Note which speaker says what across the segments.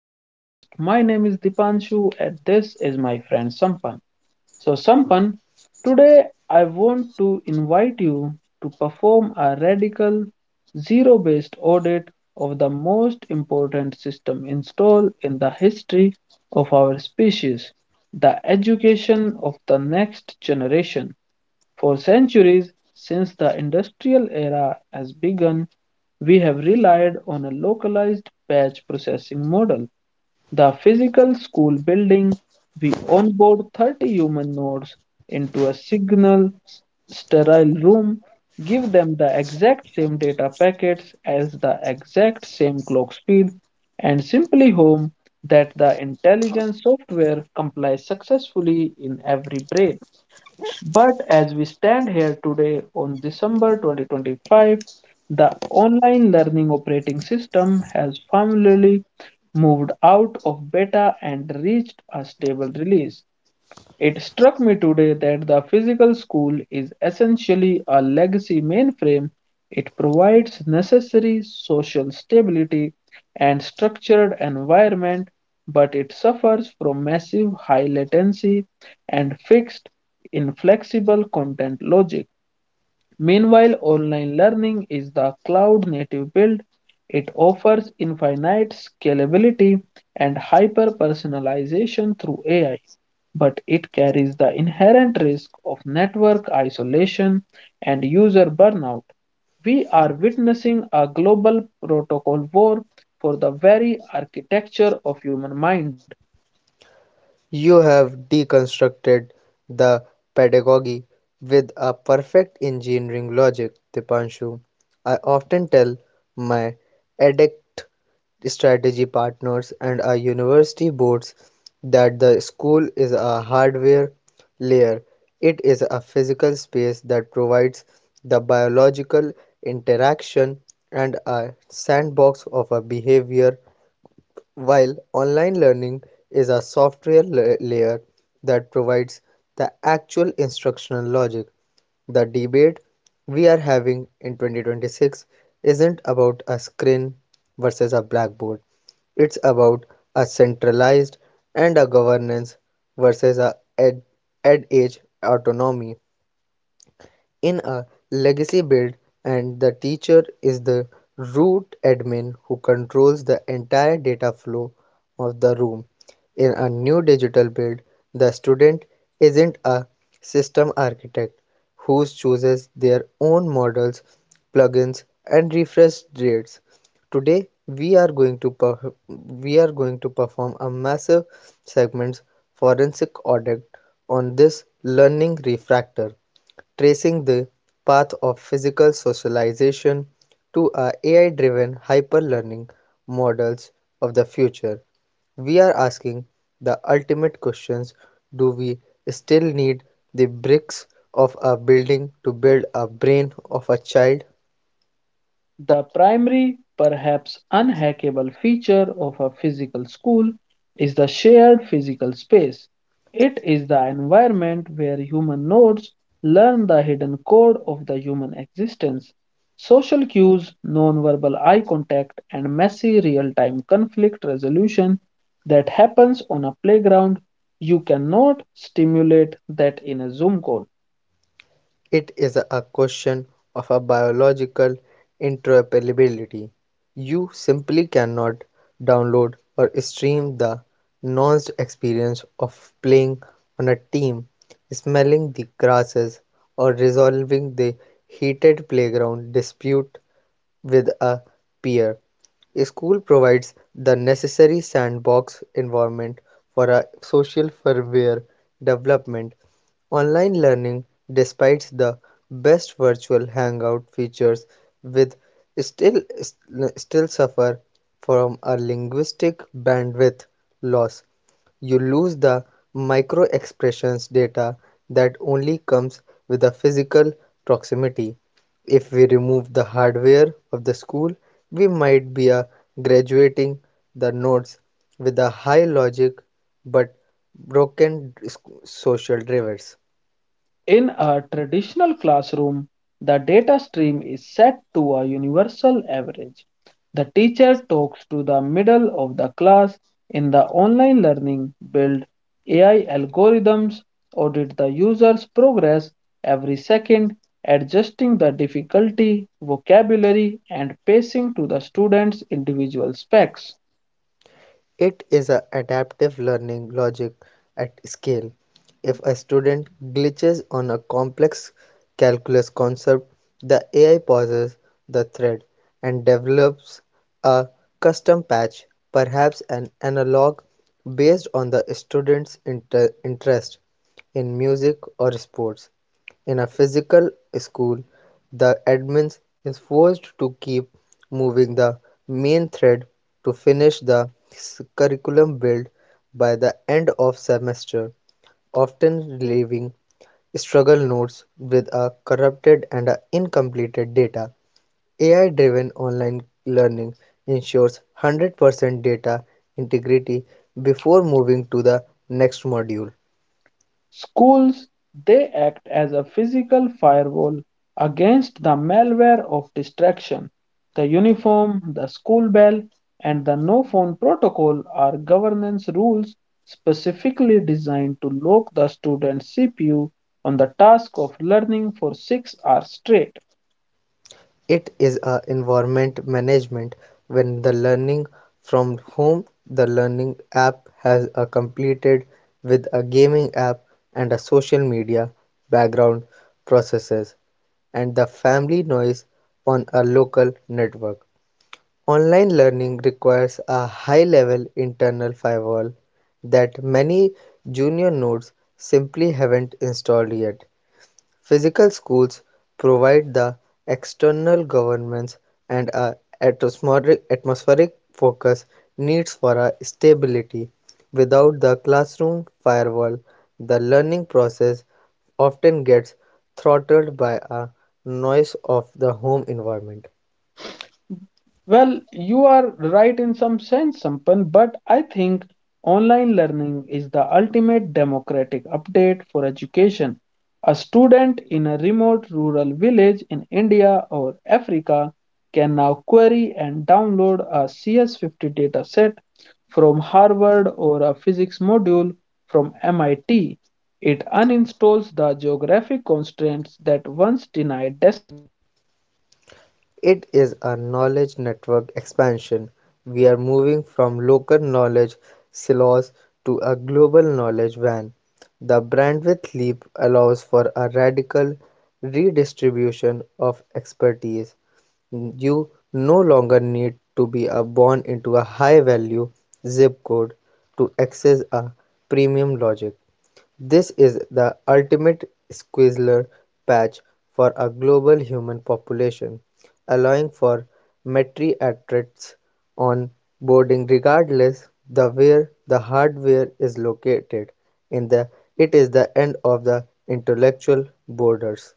Speaker 1: podcast. My name is Dipanshu, and this is my friend Sampan. So, Sampan, today I want to invite you to perform a radical zero based audit of the most important system installed in the history of our species, the education of the next generation. For centuries, since the industrial era has begun, we have relied on a localized batch processing model. The physical school building, we onboard 30 human nodes into a signal sterile room, give them the exact same data packets as the exact same clock speed, and simply hope that the intelligence software complies successfully in every brain. But as we stand here today on December 2025, the online learning operating system has finally moved out of beta and reached a stable release. It struck me today that the physical school is essentially a legacy mainframe. It provides necessary social stability and structured environment, but it suffers from massive high latency and fixed, inflexible content logic. Meanwhile, online learning is the cloud native build. It offers infinite scalability and hyper personalization through AI, but it carries the inherent risk of network isolation and user burnout. We are witnessing a global protocol war for the very architecture of human mind.
Speaker 2: You have deconstructed the pedagogy with a perfect engineering logic, Dipanshu. I often tell my addict strategy partners and our university boards that the school is a hardware layer. It is a physical space that provides the biological interaction and a sandbox of a behavior, while online learning is a software layer that provides the actual instructional logic. The debate we are having in 2026 isn't about a screen versus a blackboard. It's about a centralized and a governance versus a ed age autonomy in a legacy build, and the teacher is the root admin who controls the entire data flow of the room. In a new digital build, the student isn't a system architect who chooses their own models, plugins and refresh rates. Today we are going to perform a massive segments forensic audit on this learning refractor, tracing the path of physical socialization to our AI-driven hyper-learning models of the future. We are asking the ultimate questions: Do we still need the bricks of a building to build a brain of a child?
Speaker 1: The primary, perhaps unhackable feature of a physical school is the shared physical space. It is the environment where human nodes learn the hidden code of the human existence. Social cues, nonverbal eye contact, and messy real time conflict resolution that happens on a playground, you cannot stimulate that in a Zoom call.
Speaker 2: It is a question of a biological interoperability. You simply cannot download or stream the nuanced experience of playing on a team, smelling the grasses, or resolving the heated playground dispute with a peer. A school provides the necessary sandbox environment for a social further development. Online learning, despite the best virtual hangout features, with still still suffer from a linguistic bandwidth loss. You lose the microexpressions data that only comes with a physical proximity. If we remove the hardware of the school, we might be graduating the nodes with a high logic but broken social drivers.
Speaker 1: In a traditional classroom, the data stream is set to a universal average. The teacher talks to the middle of the class. In the online learning, build AI algorithms, audit the user's progress every second, adjusting the difficulty, vocabulary, and pacing to the student's individual specs.
Speaker 2: It is a adaptive learning logic at scale. If a student glitches on a complex calculus concept, the AI pauses the thread and develops a custom patch, perhaps an analog based on the student's interest in music or sports. In a physical school, the admin is forced to keep moving the main thread to finish the curriculum built by the end of semester, often leaving struggle notes with a corrupted and a incompleted data. AI-driven online learning ensures 100% data integrity before moving to the next module.
Speaker 1: Schools, they act as a physical firewall against the malware of distraction. The uniform, the school bell, and the no phone protocol are governance rules specifically designed to lock the student's CPU on the task of learning for 6 hours straight.
Speaker 2: It is a environment management when from home the learning app has a completed with a gaming app and a social media background processes and the family noise on a local network. Online learning requires a high level internal firewall that many junior nodes simply haven't installed yet. Physical schools provide the external governance and a atmospheric focus needs for a stability. Without the classroom firewall, the learning process often gets throttled by a noise of the home environment.
Speaker 1: Well, you are right in some sense, Sampan, but I think online learning is the ultimate democratic update for education. A student in a remote rural village in India or Africa can now query and download a CS50 dataset from Harvard or a physics module from MIT. It uninstalls the geographic constraints that once denied.
Speaker 2: It is a knowledge network expansion. We are moving from local knowledge silos to a global knowledge van. The bandwidth leap allows for a radical redistribution of expertise. You no longer need to be born into a high value zip code to access a premium logic. This is the ultimate squealer patch for a global human population, allowing for metriatrids on boarding regardless the where the hardware is located. In the it is the end of the intellectual borders.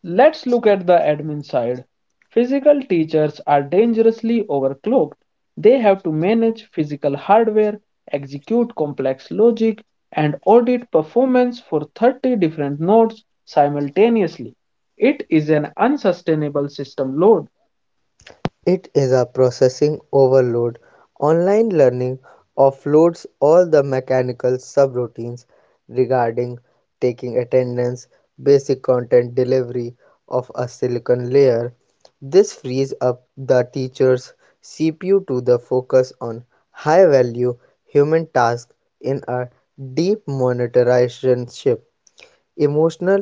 Speaker 1: Let's look at the admin side. Physical teachers are dangerously overclocked. They have to manage physical hardware, execute complex logic, and audit performance for 30 different nodes simultaneously. It is an unsustainable system load.
Speaker 2: It is a processing overload. Online learning offloads all the mechanical subroutines regarding taking attendance, basic content delivery of a silicon layer. This frees up the teacher's CPU to the focus on high value human tasks in a deep monetization shift: emotional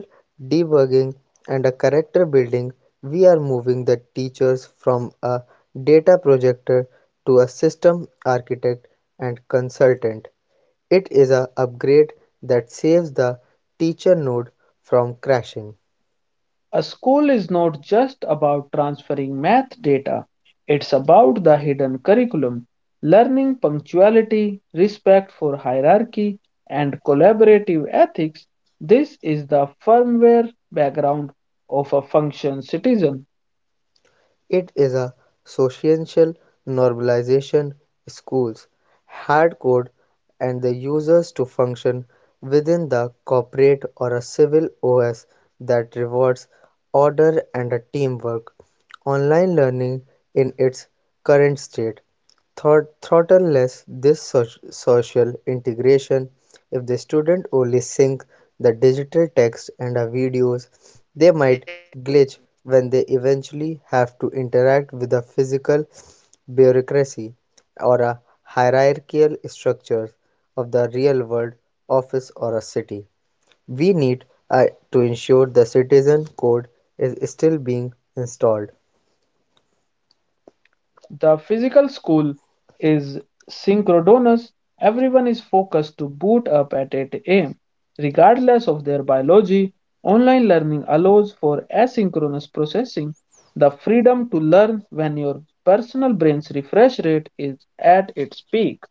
Speaker 2: debugging and a character building. We are moving the teachers from a data projector to a system architect and consultant. It is an upgrade that saves the teacher node from crashing.
Speaker 1: A school is not just about transferring math data, it's about the hidden curriculum, learning punctuality, respect for hierarchy, and collaborative ethics. This is the firmware background of a functioned citizen.
Speaker 2: It is a social normalization. Schools hard-code and the users to function within the corporate or a civil OS that rewards order and a teamwork. Online learning in its current state throttles this social integration. If the student only sync the digital text and the videos, they might glitch when they eventually have to interact with a physical bureaucracy or a hierarchical structure of the real world office or a city. We need to ensure the citizen code is still being installed.
Speaker 1: The physical school is synchronous. Everyone is focused to boot up at 8 a.m., regardless of their biology. Online learning allows for asynchronous processing, the freedom to learn when your personal brain's refresh rate is at its peak.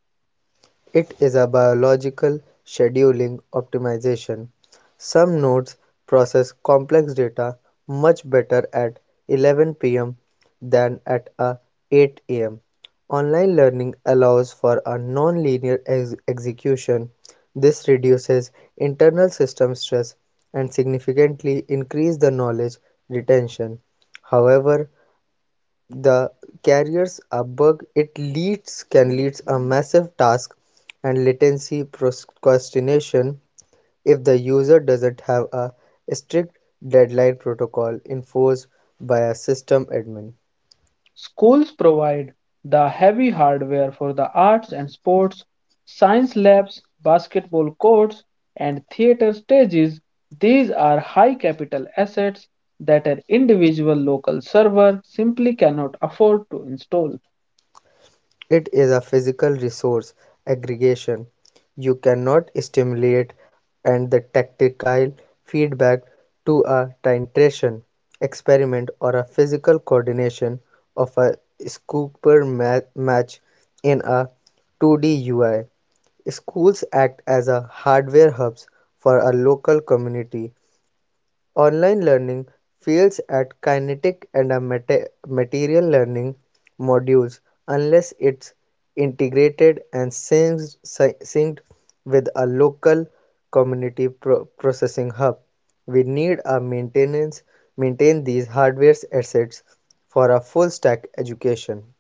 Speaker 2: It is a biological scheduling optimization. Some nodes process complex data much better at 11 p.m. than at a 8 am. Online learning allows for a non-linear execution. This reduces internal system stress and significantly increases the knowledge retention. However, the carrier's abug it leads can leads a massive task and latency procrastination if the user doesn't have a strict deadline protocol enforced by a system admin.
Speaker 1: Schools provide the heavy hardware for the arts and sports, science labs, basketball courts, and theater stages. These are high capital assets that an individual local server simply cannot afford to install.
Speaker 2: It is a physical resource aggregation. You cannot stimulate and the tactile feedback to a titration experiment or a physical coordination of a snooker match in a 2D UI. Schools act as a hardware hubs for a local community. Online learning fails at kinetic and a material learning modules unless it's integrated and synced with a local community processing hub. We need a maintenance maintain these hardware assets for a full stack education.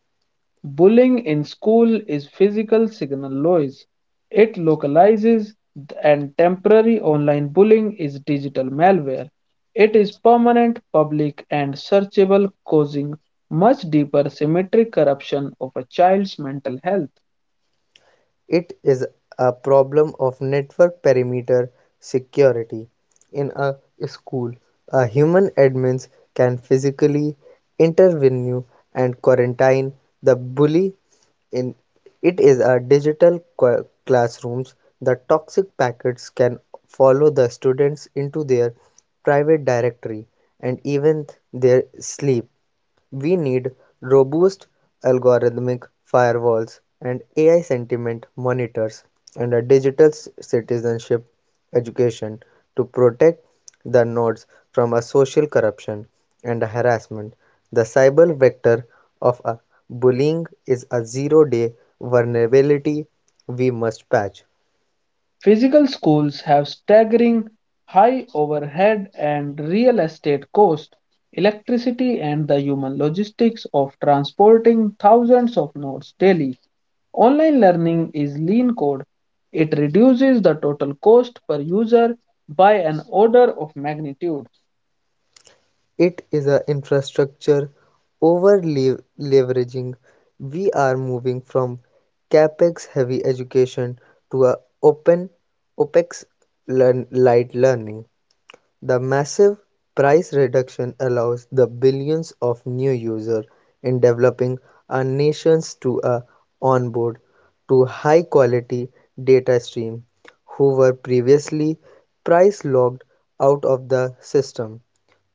Speaker 1: Bullying in school is physical signal noise. It localizes and temporary online bullying is digital malware. It is permanent, public, and searchable, causing much deeper symmetric corruption of a child's mental health.
Speaker 2: It is a problem of network perimeter security. In a school, a human admins can physically intervene and quarantine the bully. In it is a digital classrooms. The toxic packets can follow the students into their private directory and even their sleep. We need robust algorithmic firewalls and AI sentiment monitors and a digital citizenship education to protect the nodes from a social corruption and a harassment. The cyber vector of a bullying is a zero day vulnerability we must patch.
Speaker 1: Physical schools have staggering high overhead and real estate cost, electricity, and the human logistics of transporting thousands of nodes daily. Online learning is lean code. It reduces the total cost per user by an order of magnitude.
Speaker 2: It is a infrastructure over-leveraging. We are moving from capex-heavy education to a open opex-light learning. The massive price reduction allows the billions of new users in developing our nations to a onboard to high quality data stream who were previously price locked out of the system.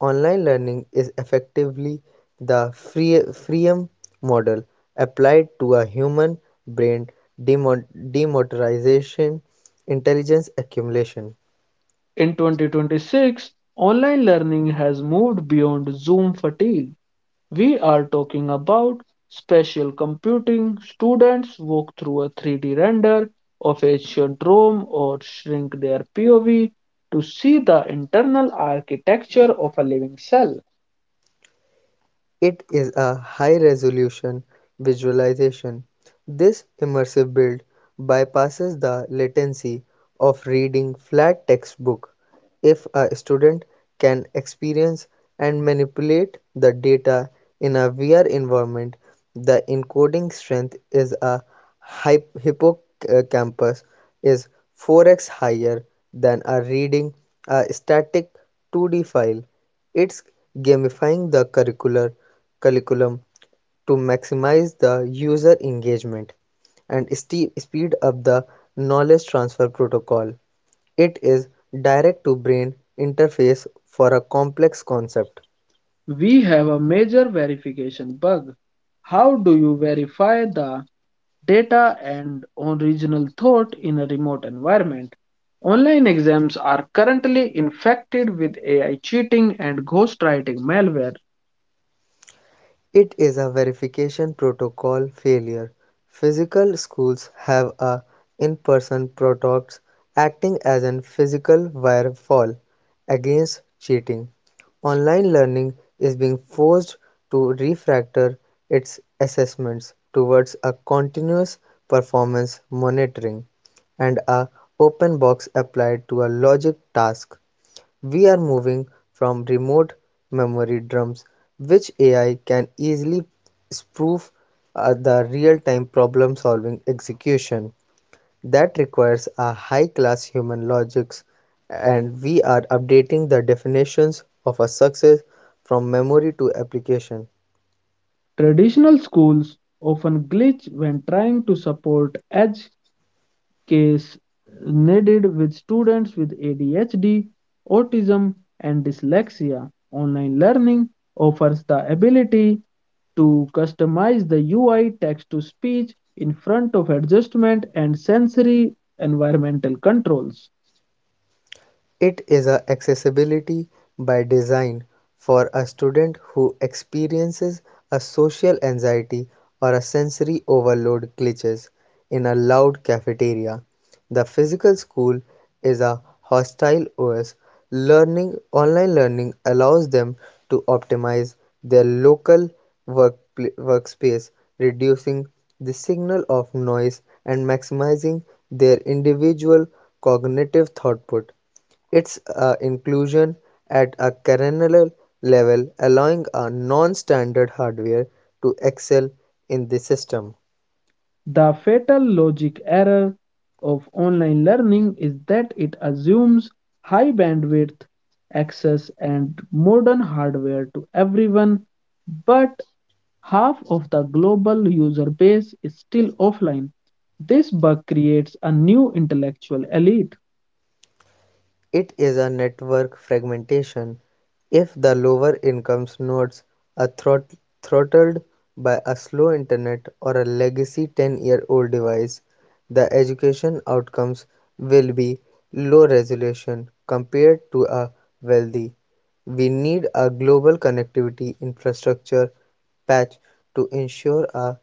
Speaker 2: Online learning is effectively the freemium model applied to a human brain demotorization intelligence accumulation.
Speaker 1: In 2026, online learning has moved beyond Zoom fatigue. We are talking about spatial computing. Students walk through a 3D render of ancient Rome or shrink their POV to see the internal architecture of a living cell.
Speaker 2: It is a high-resolution visualization. This immersive build bypasses the latency of reading flat textbook. If a student can experience and manipulate the data in a VR environment, the encoding strength is a hippocampus is 4x higher than a reading a static 2D file. It's gamifying the curricular curriculum to maximize the user engagement and speed up the knowledge transfer protocol. It is direct to brain interface for a complex concept.
Speaker 1: We have a major verification bug. How do you verify the data and original thought in a remote environment? Online exams are currently infected with AI cheating and ghostwriting malware.
Speaker 2: It is a verification protocol failure. Physical schools have a in-person protocol acting as a physical firewall against cheating. Online learning is being forced to refactor its assessments towards a continuous performance monitoring and a open box applied to a logic task. We are moving from remote memory drums, which AI can easily spoof, the real-time problem-solving execution that requires a high-class human logics, and we are updating the definitions of a success from memory to application.
Speaker 1: Traditional schools often glitch when trying to support edge case needed with students with ADHD, autism, and dyslexia. Online learning offers the ability to customize the UI text to speech in front of adjustment and sensory environmental controls.
Speaker 2: It is a accessibility by design for a student who experiences a social anxiety or a sensory overload glitches in a loud cafeteria. The physical school is a hostile OS. Learning online learning allows them to optimize their local workspace, reducing the signal of noise and maximizing their individual cognitive output. Its inclusion at a kernel level allowing a non-standard hardware to excel in the system.
Speaker 1: The fatal logic error of online learning is that it assumes high bandwidth access and modern hardware to everyone, but half of the global user base is still offline. This bug creates a new intellectual elite.
Speaker 2: It is a network fragmentation if the lower-income nodes are throttled by a slow internet or a legacy 10-year-old device. The education outcomes will be low resolution compared to a wealthy. We need a global connectivity infrastructure patch to ensure a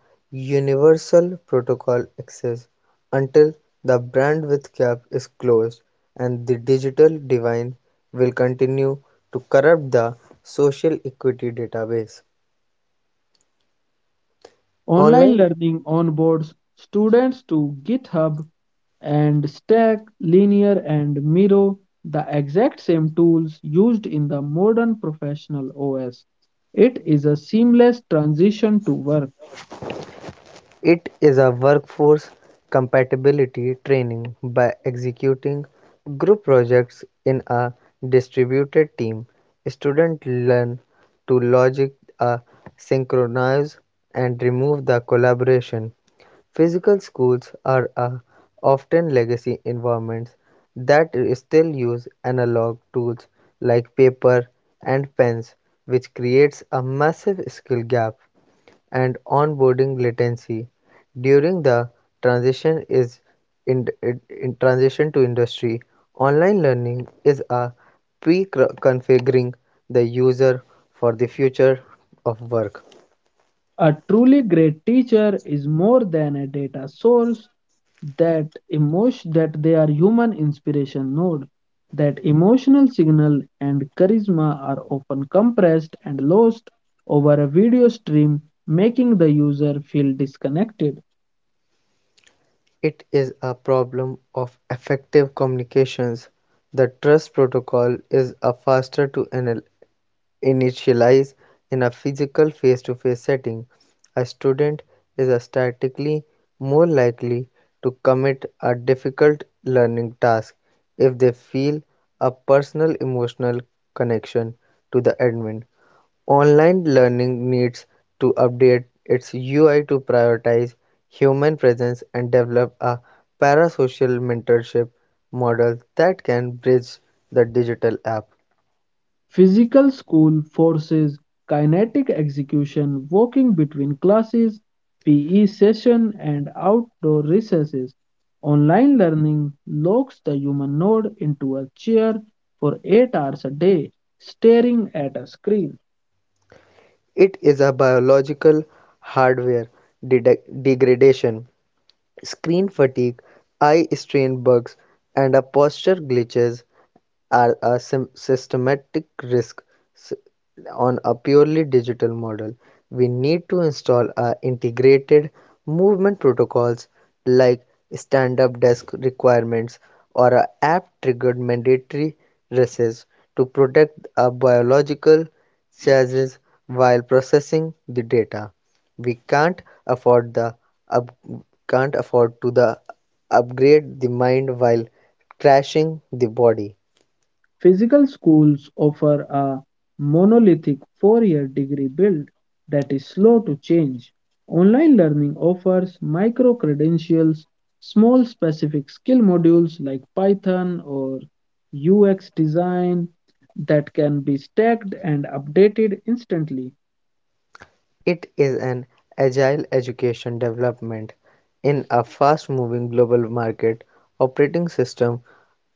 Speaker 2: universal protocol access until the bandwidth gap is closed, and the digital divide will continue to corrupt the social equity database.
Speaker 1: Online
Speaker 2: Online
Speaker 1: learning onboards students to GitHub and Stack, Linear, and Miro, the exact same tools used in the modern professional OS. It is a seamless transition to work.
Speaker 2: It is a workforce compatibility training by executing group projects in a distributed team. Students learn to logic a synchronize and remove the collaboration. Physical schools are a often legacy environments that still use analog tools like paper and pens, which creates a massive skill gap and onboarding latency during the transition is in transition to industry. Online learning is a pre-configuring the user for the future of work.
Speaker 1: A truly great teacher is more than a data source. That emotion that they are human inspiration node. That emotional signal and charisma are often compressed and lost over a video stream, making the user feel disconnected.
Speaker 2: It is a problem of effective communications. The trust protocol is a faster to initialize in a physical face-to-face setting. A student is statistically more likely to commit a difficult learning task if they feel a personal emotional connection to the admin. Online learning needs to update its UI to prioritize human presence and develop a parasocial mentorship model that can bridge the digital gap.
Speaker 1: Physical school forces kinetic execution, walking between classes, PE session, and outdoor recesses. Online learning locks the human node into a chair for 8 hours a day, staring at a screen.
Speaker 2: It is a biological hardware de degradation. Screen fatigue, eye strain bugs, and a posture glitches are a systematic risk s- on a purely digital model. We need to install a integrated movement protocols like stand-up desk requirements or a app-triggered mandatory races to protect our biological charges while processing the data. We afford the up, can't afford to the upgrade the mind while crashing the body.
Speaker 1: Physical schools offer a monolithic 4 year degree build that is slow to change. Online learning offers micro credentials, small specific skill modules like Python or UX design that can be stacked and updated instantly.
Speaker 2: It is an agile education development in a fast-moving global market operating system.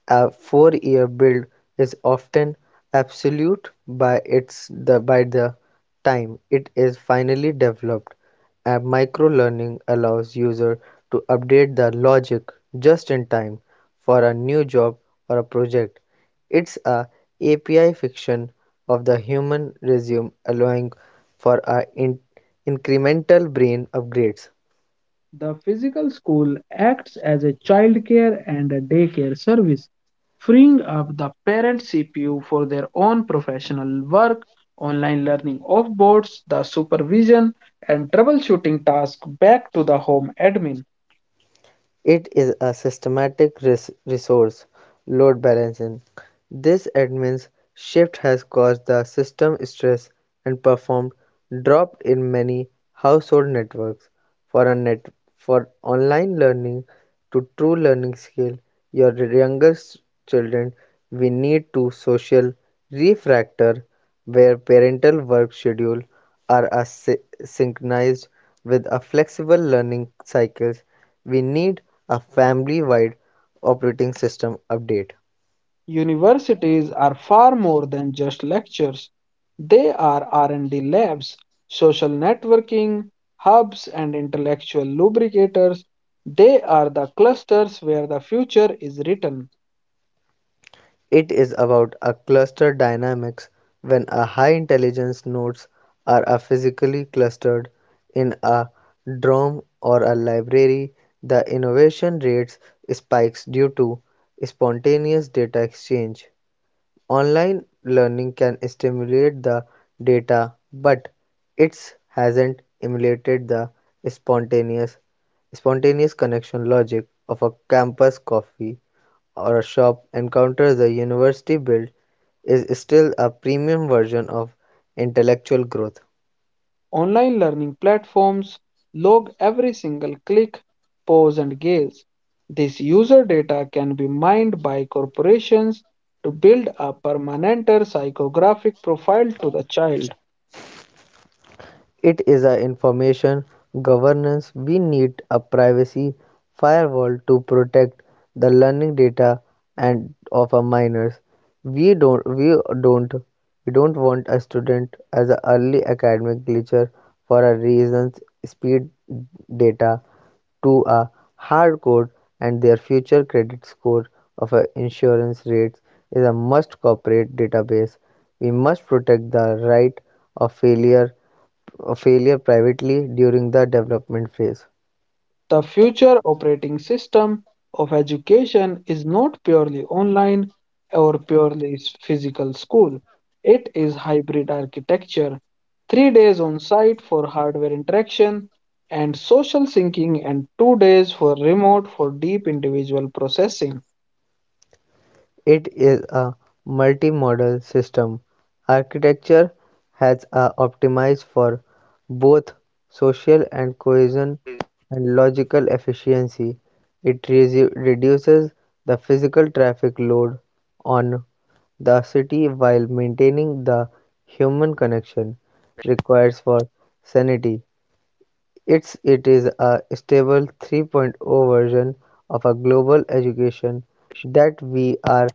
Speaker 2: A four-year build is often absolute by the time it is finally developed. App microlearning allows users to update their logic just in time for a new job or a project. It's a API fiction of the human resume allowing for a incremental brain upgrades.
Speaker 1: The physical school acts as a childcare and a daycare service, freeing up the parent CPU for their own professional work. Online learning off boards, the supervision and troubleshooting task back to the home admin.
Speaker 2: It is a systematic resource load balancing. This admin's shift has caused the system stress and performed drop in many household networks. For a net for online learning to true learning skill, your younger children, we need to social refractor where parental work schedule are a synchronized with a flexible learning cycles. We need a family-wide operating system update.
Speaker 1: Universities are far more than just lectures. They are R&D labs, social networking hubs and intellectual lubricators. They are the clusters where the future is written.
Speaker 2: It is about a cluster dynamics when a high intelligence nodes are a physically clustered in a DROM or a library, the innovation rates spikes due to spontaneous data exchange. Online learning can stimulate the data, but it hasn't emulated the spontaneous spontaneous connection logic of a campus coffee or a shop encounter. The university build is still a premium version of intellectual growth.
Speaker 1: Online learning platforms log every single click, pause, and gaze. This user data can be mined by corporations to build a permanent psychographic profile to the child.
Speaker 2: It is a information governance. We need a privacy firewall to protect the learning data and of our minors. We don't we don't we don't want a student as an early academic glitcher for a reasons speed data to a hard code, and their future credit score of a insurance rates is a must corporate database. We must protect the right of failure, a failure privately during the development phase.
Speaker 1: The future operating system of education is not purely online or purely physical school. It is hybrid architecture, 3 days on site for hardware interaction and social syncing, and 2 days for remote for deep individual processing.
Speaker 2: It is a multimodal system. Architecture has a optimized for both social and cohesion and logical efficiency. It reduces the physical traffic load on the city while maintaining the human connection required for sanity. It is a stable 3.0 version of a global education that we are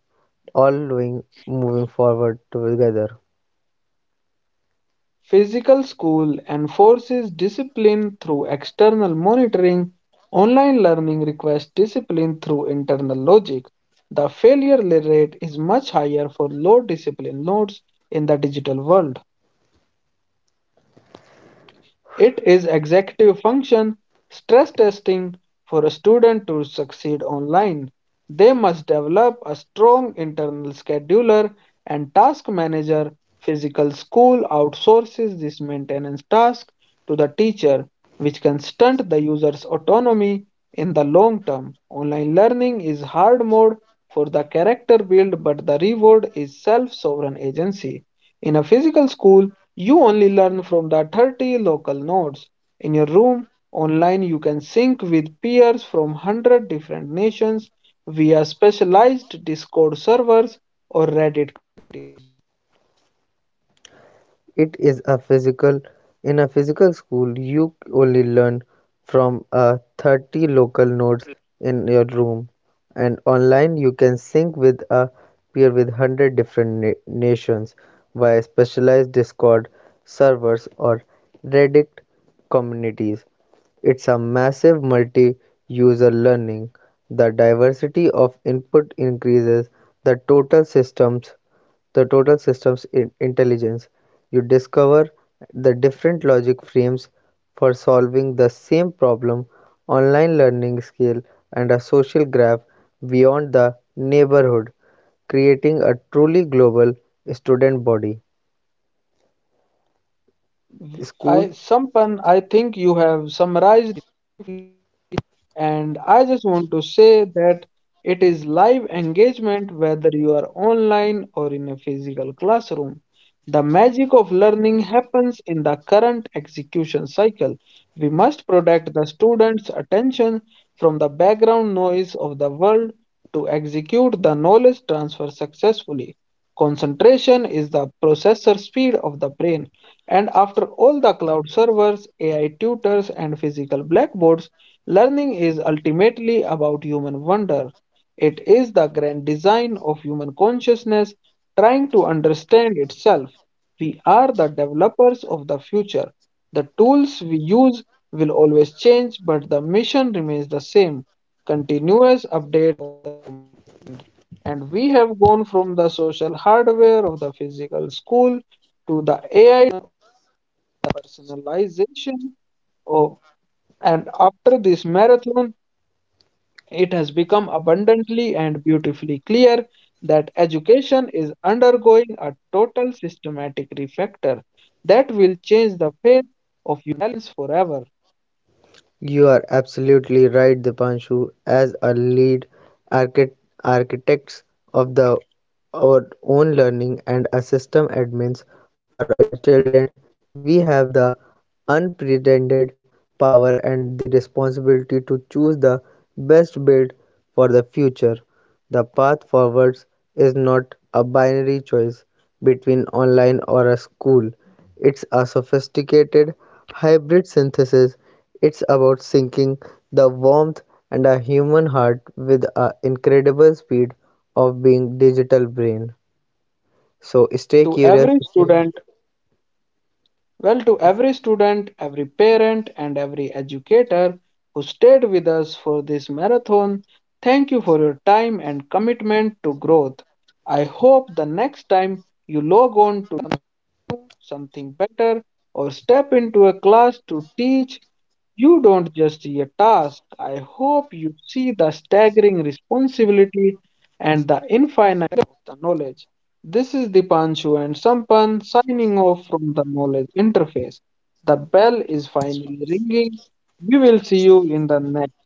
Speaker 2: all doing moving forward together.
Speaker 1: Physical school enforces discipline through external monitoring. Online learning requires discipline through internal logic. The failure rate is much higher for low discipline nodes in the digital world. It is executive function stress testing for a student to succeed online. They must develop a strong internal scheduler and task manager. Physical school outsources this maintenance task to the teacher, which can stunt the user's autonomy in the long term. Online learning is hard mode for the character build, but the reward is self sovereign agency. In a physical school, you only learn from the 30 local nodes in your room. Online, you can sync with peers from 100 different nations via specialized Discord servers or Reddit.
Speaker 2: It is a physical in a physical school you only learn from a 30 local notes in your room, and online you can sync with a peer with 100 different nations via specialized discord servers or reddit communities. It's a massive multi-user learning. The diversity of input increases the total systems the total systems in intelligence. You discover the different logic frames for solving the same problem. Online learning scale, and a social graph beyond the neighborhood, creating a truly global student body. Schools
Speaker 1: Sampan, I think you have summarized. And I just want to say that it is live engagement whether you are online or in a physical classroom. The magic of learning happens in the current execution cycle. We must protect the students' attention from the background noise of the world to execute the knowledge transfer successfully. Concentration is the processor speed of the brain, and after all the cloud servers, AI tutors, and physical blackboards, learning is ultimately about human wonder. It is the grand design of human consciousness trying to understand itself. We are the developers of the future. The tools we use will always change, but the mission remains the same, continuous update. And we have gone from the social hardware of the physical school to the AI personalization. Of, and after this marathon, it has become abundantly and beautifully clear that education is undergoing a total systematic refactor that will change the face of science forever.
Speaker 2: You are absolutely right, Dipanshu. As a lead archit- architects of the our own learning and a system admins for our children, we have the unprecedented power and the responsibility to choose the best build for the future. The path forwards is not a binary choice between online or a school. It's a sophisticated hybrid synthesis. It's about syncing the warmth and a human heart with an incredible speed of being digital brain. So stay
Speaker 1: To
Speaker 2: curious,
Speaker 1: every
Speaker 2: stay
Speaker 1: student, every parent, and every educator who stayed with us for this marathon, thank you for your time and commitment to growth. I hope the next time you log on do something better or step into a class to teach, you don't just see a task. I hope you see the staggering responsibility and the infinite of the knowledge. This is Dipanshu and Sampan signing off from the knowledge interface. The bell is finally ringing. We will see you in the next.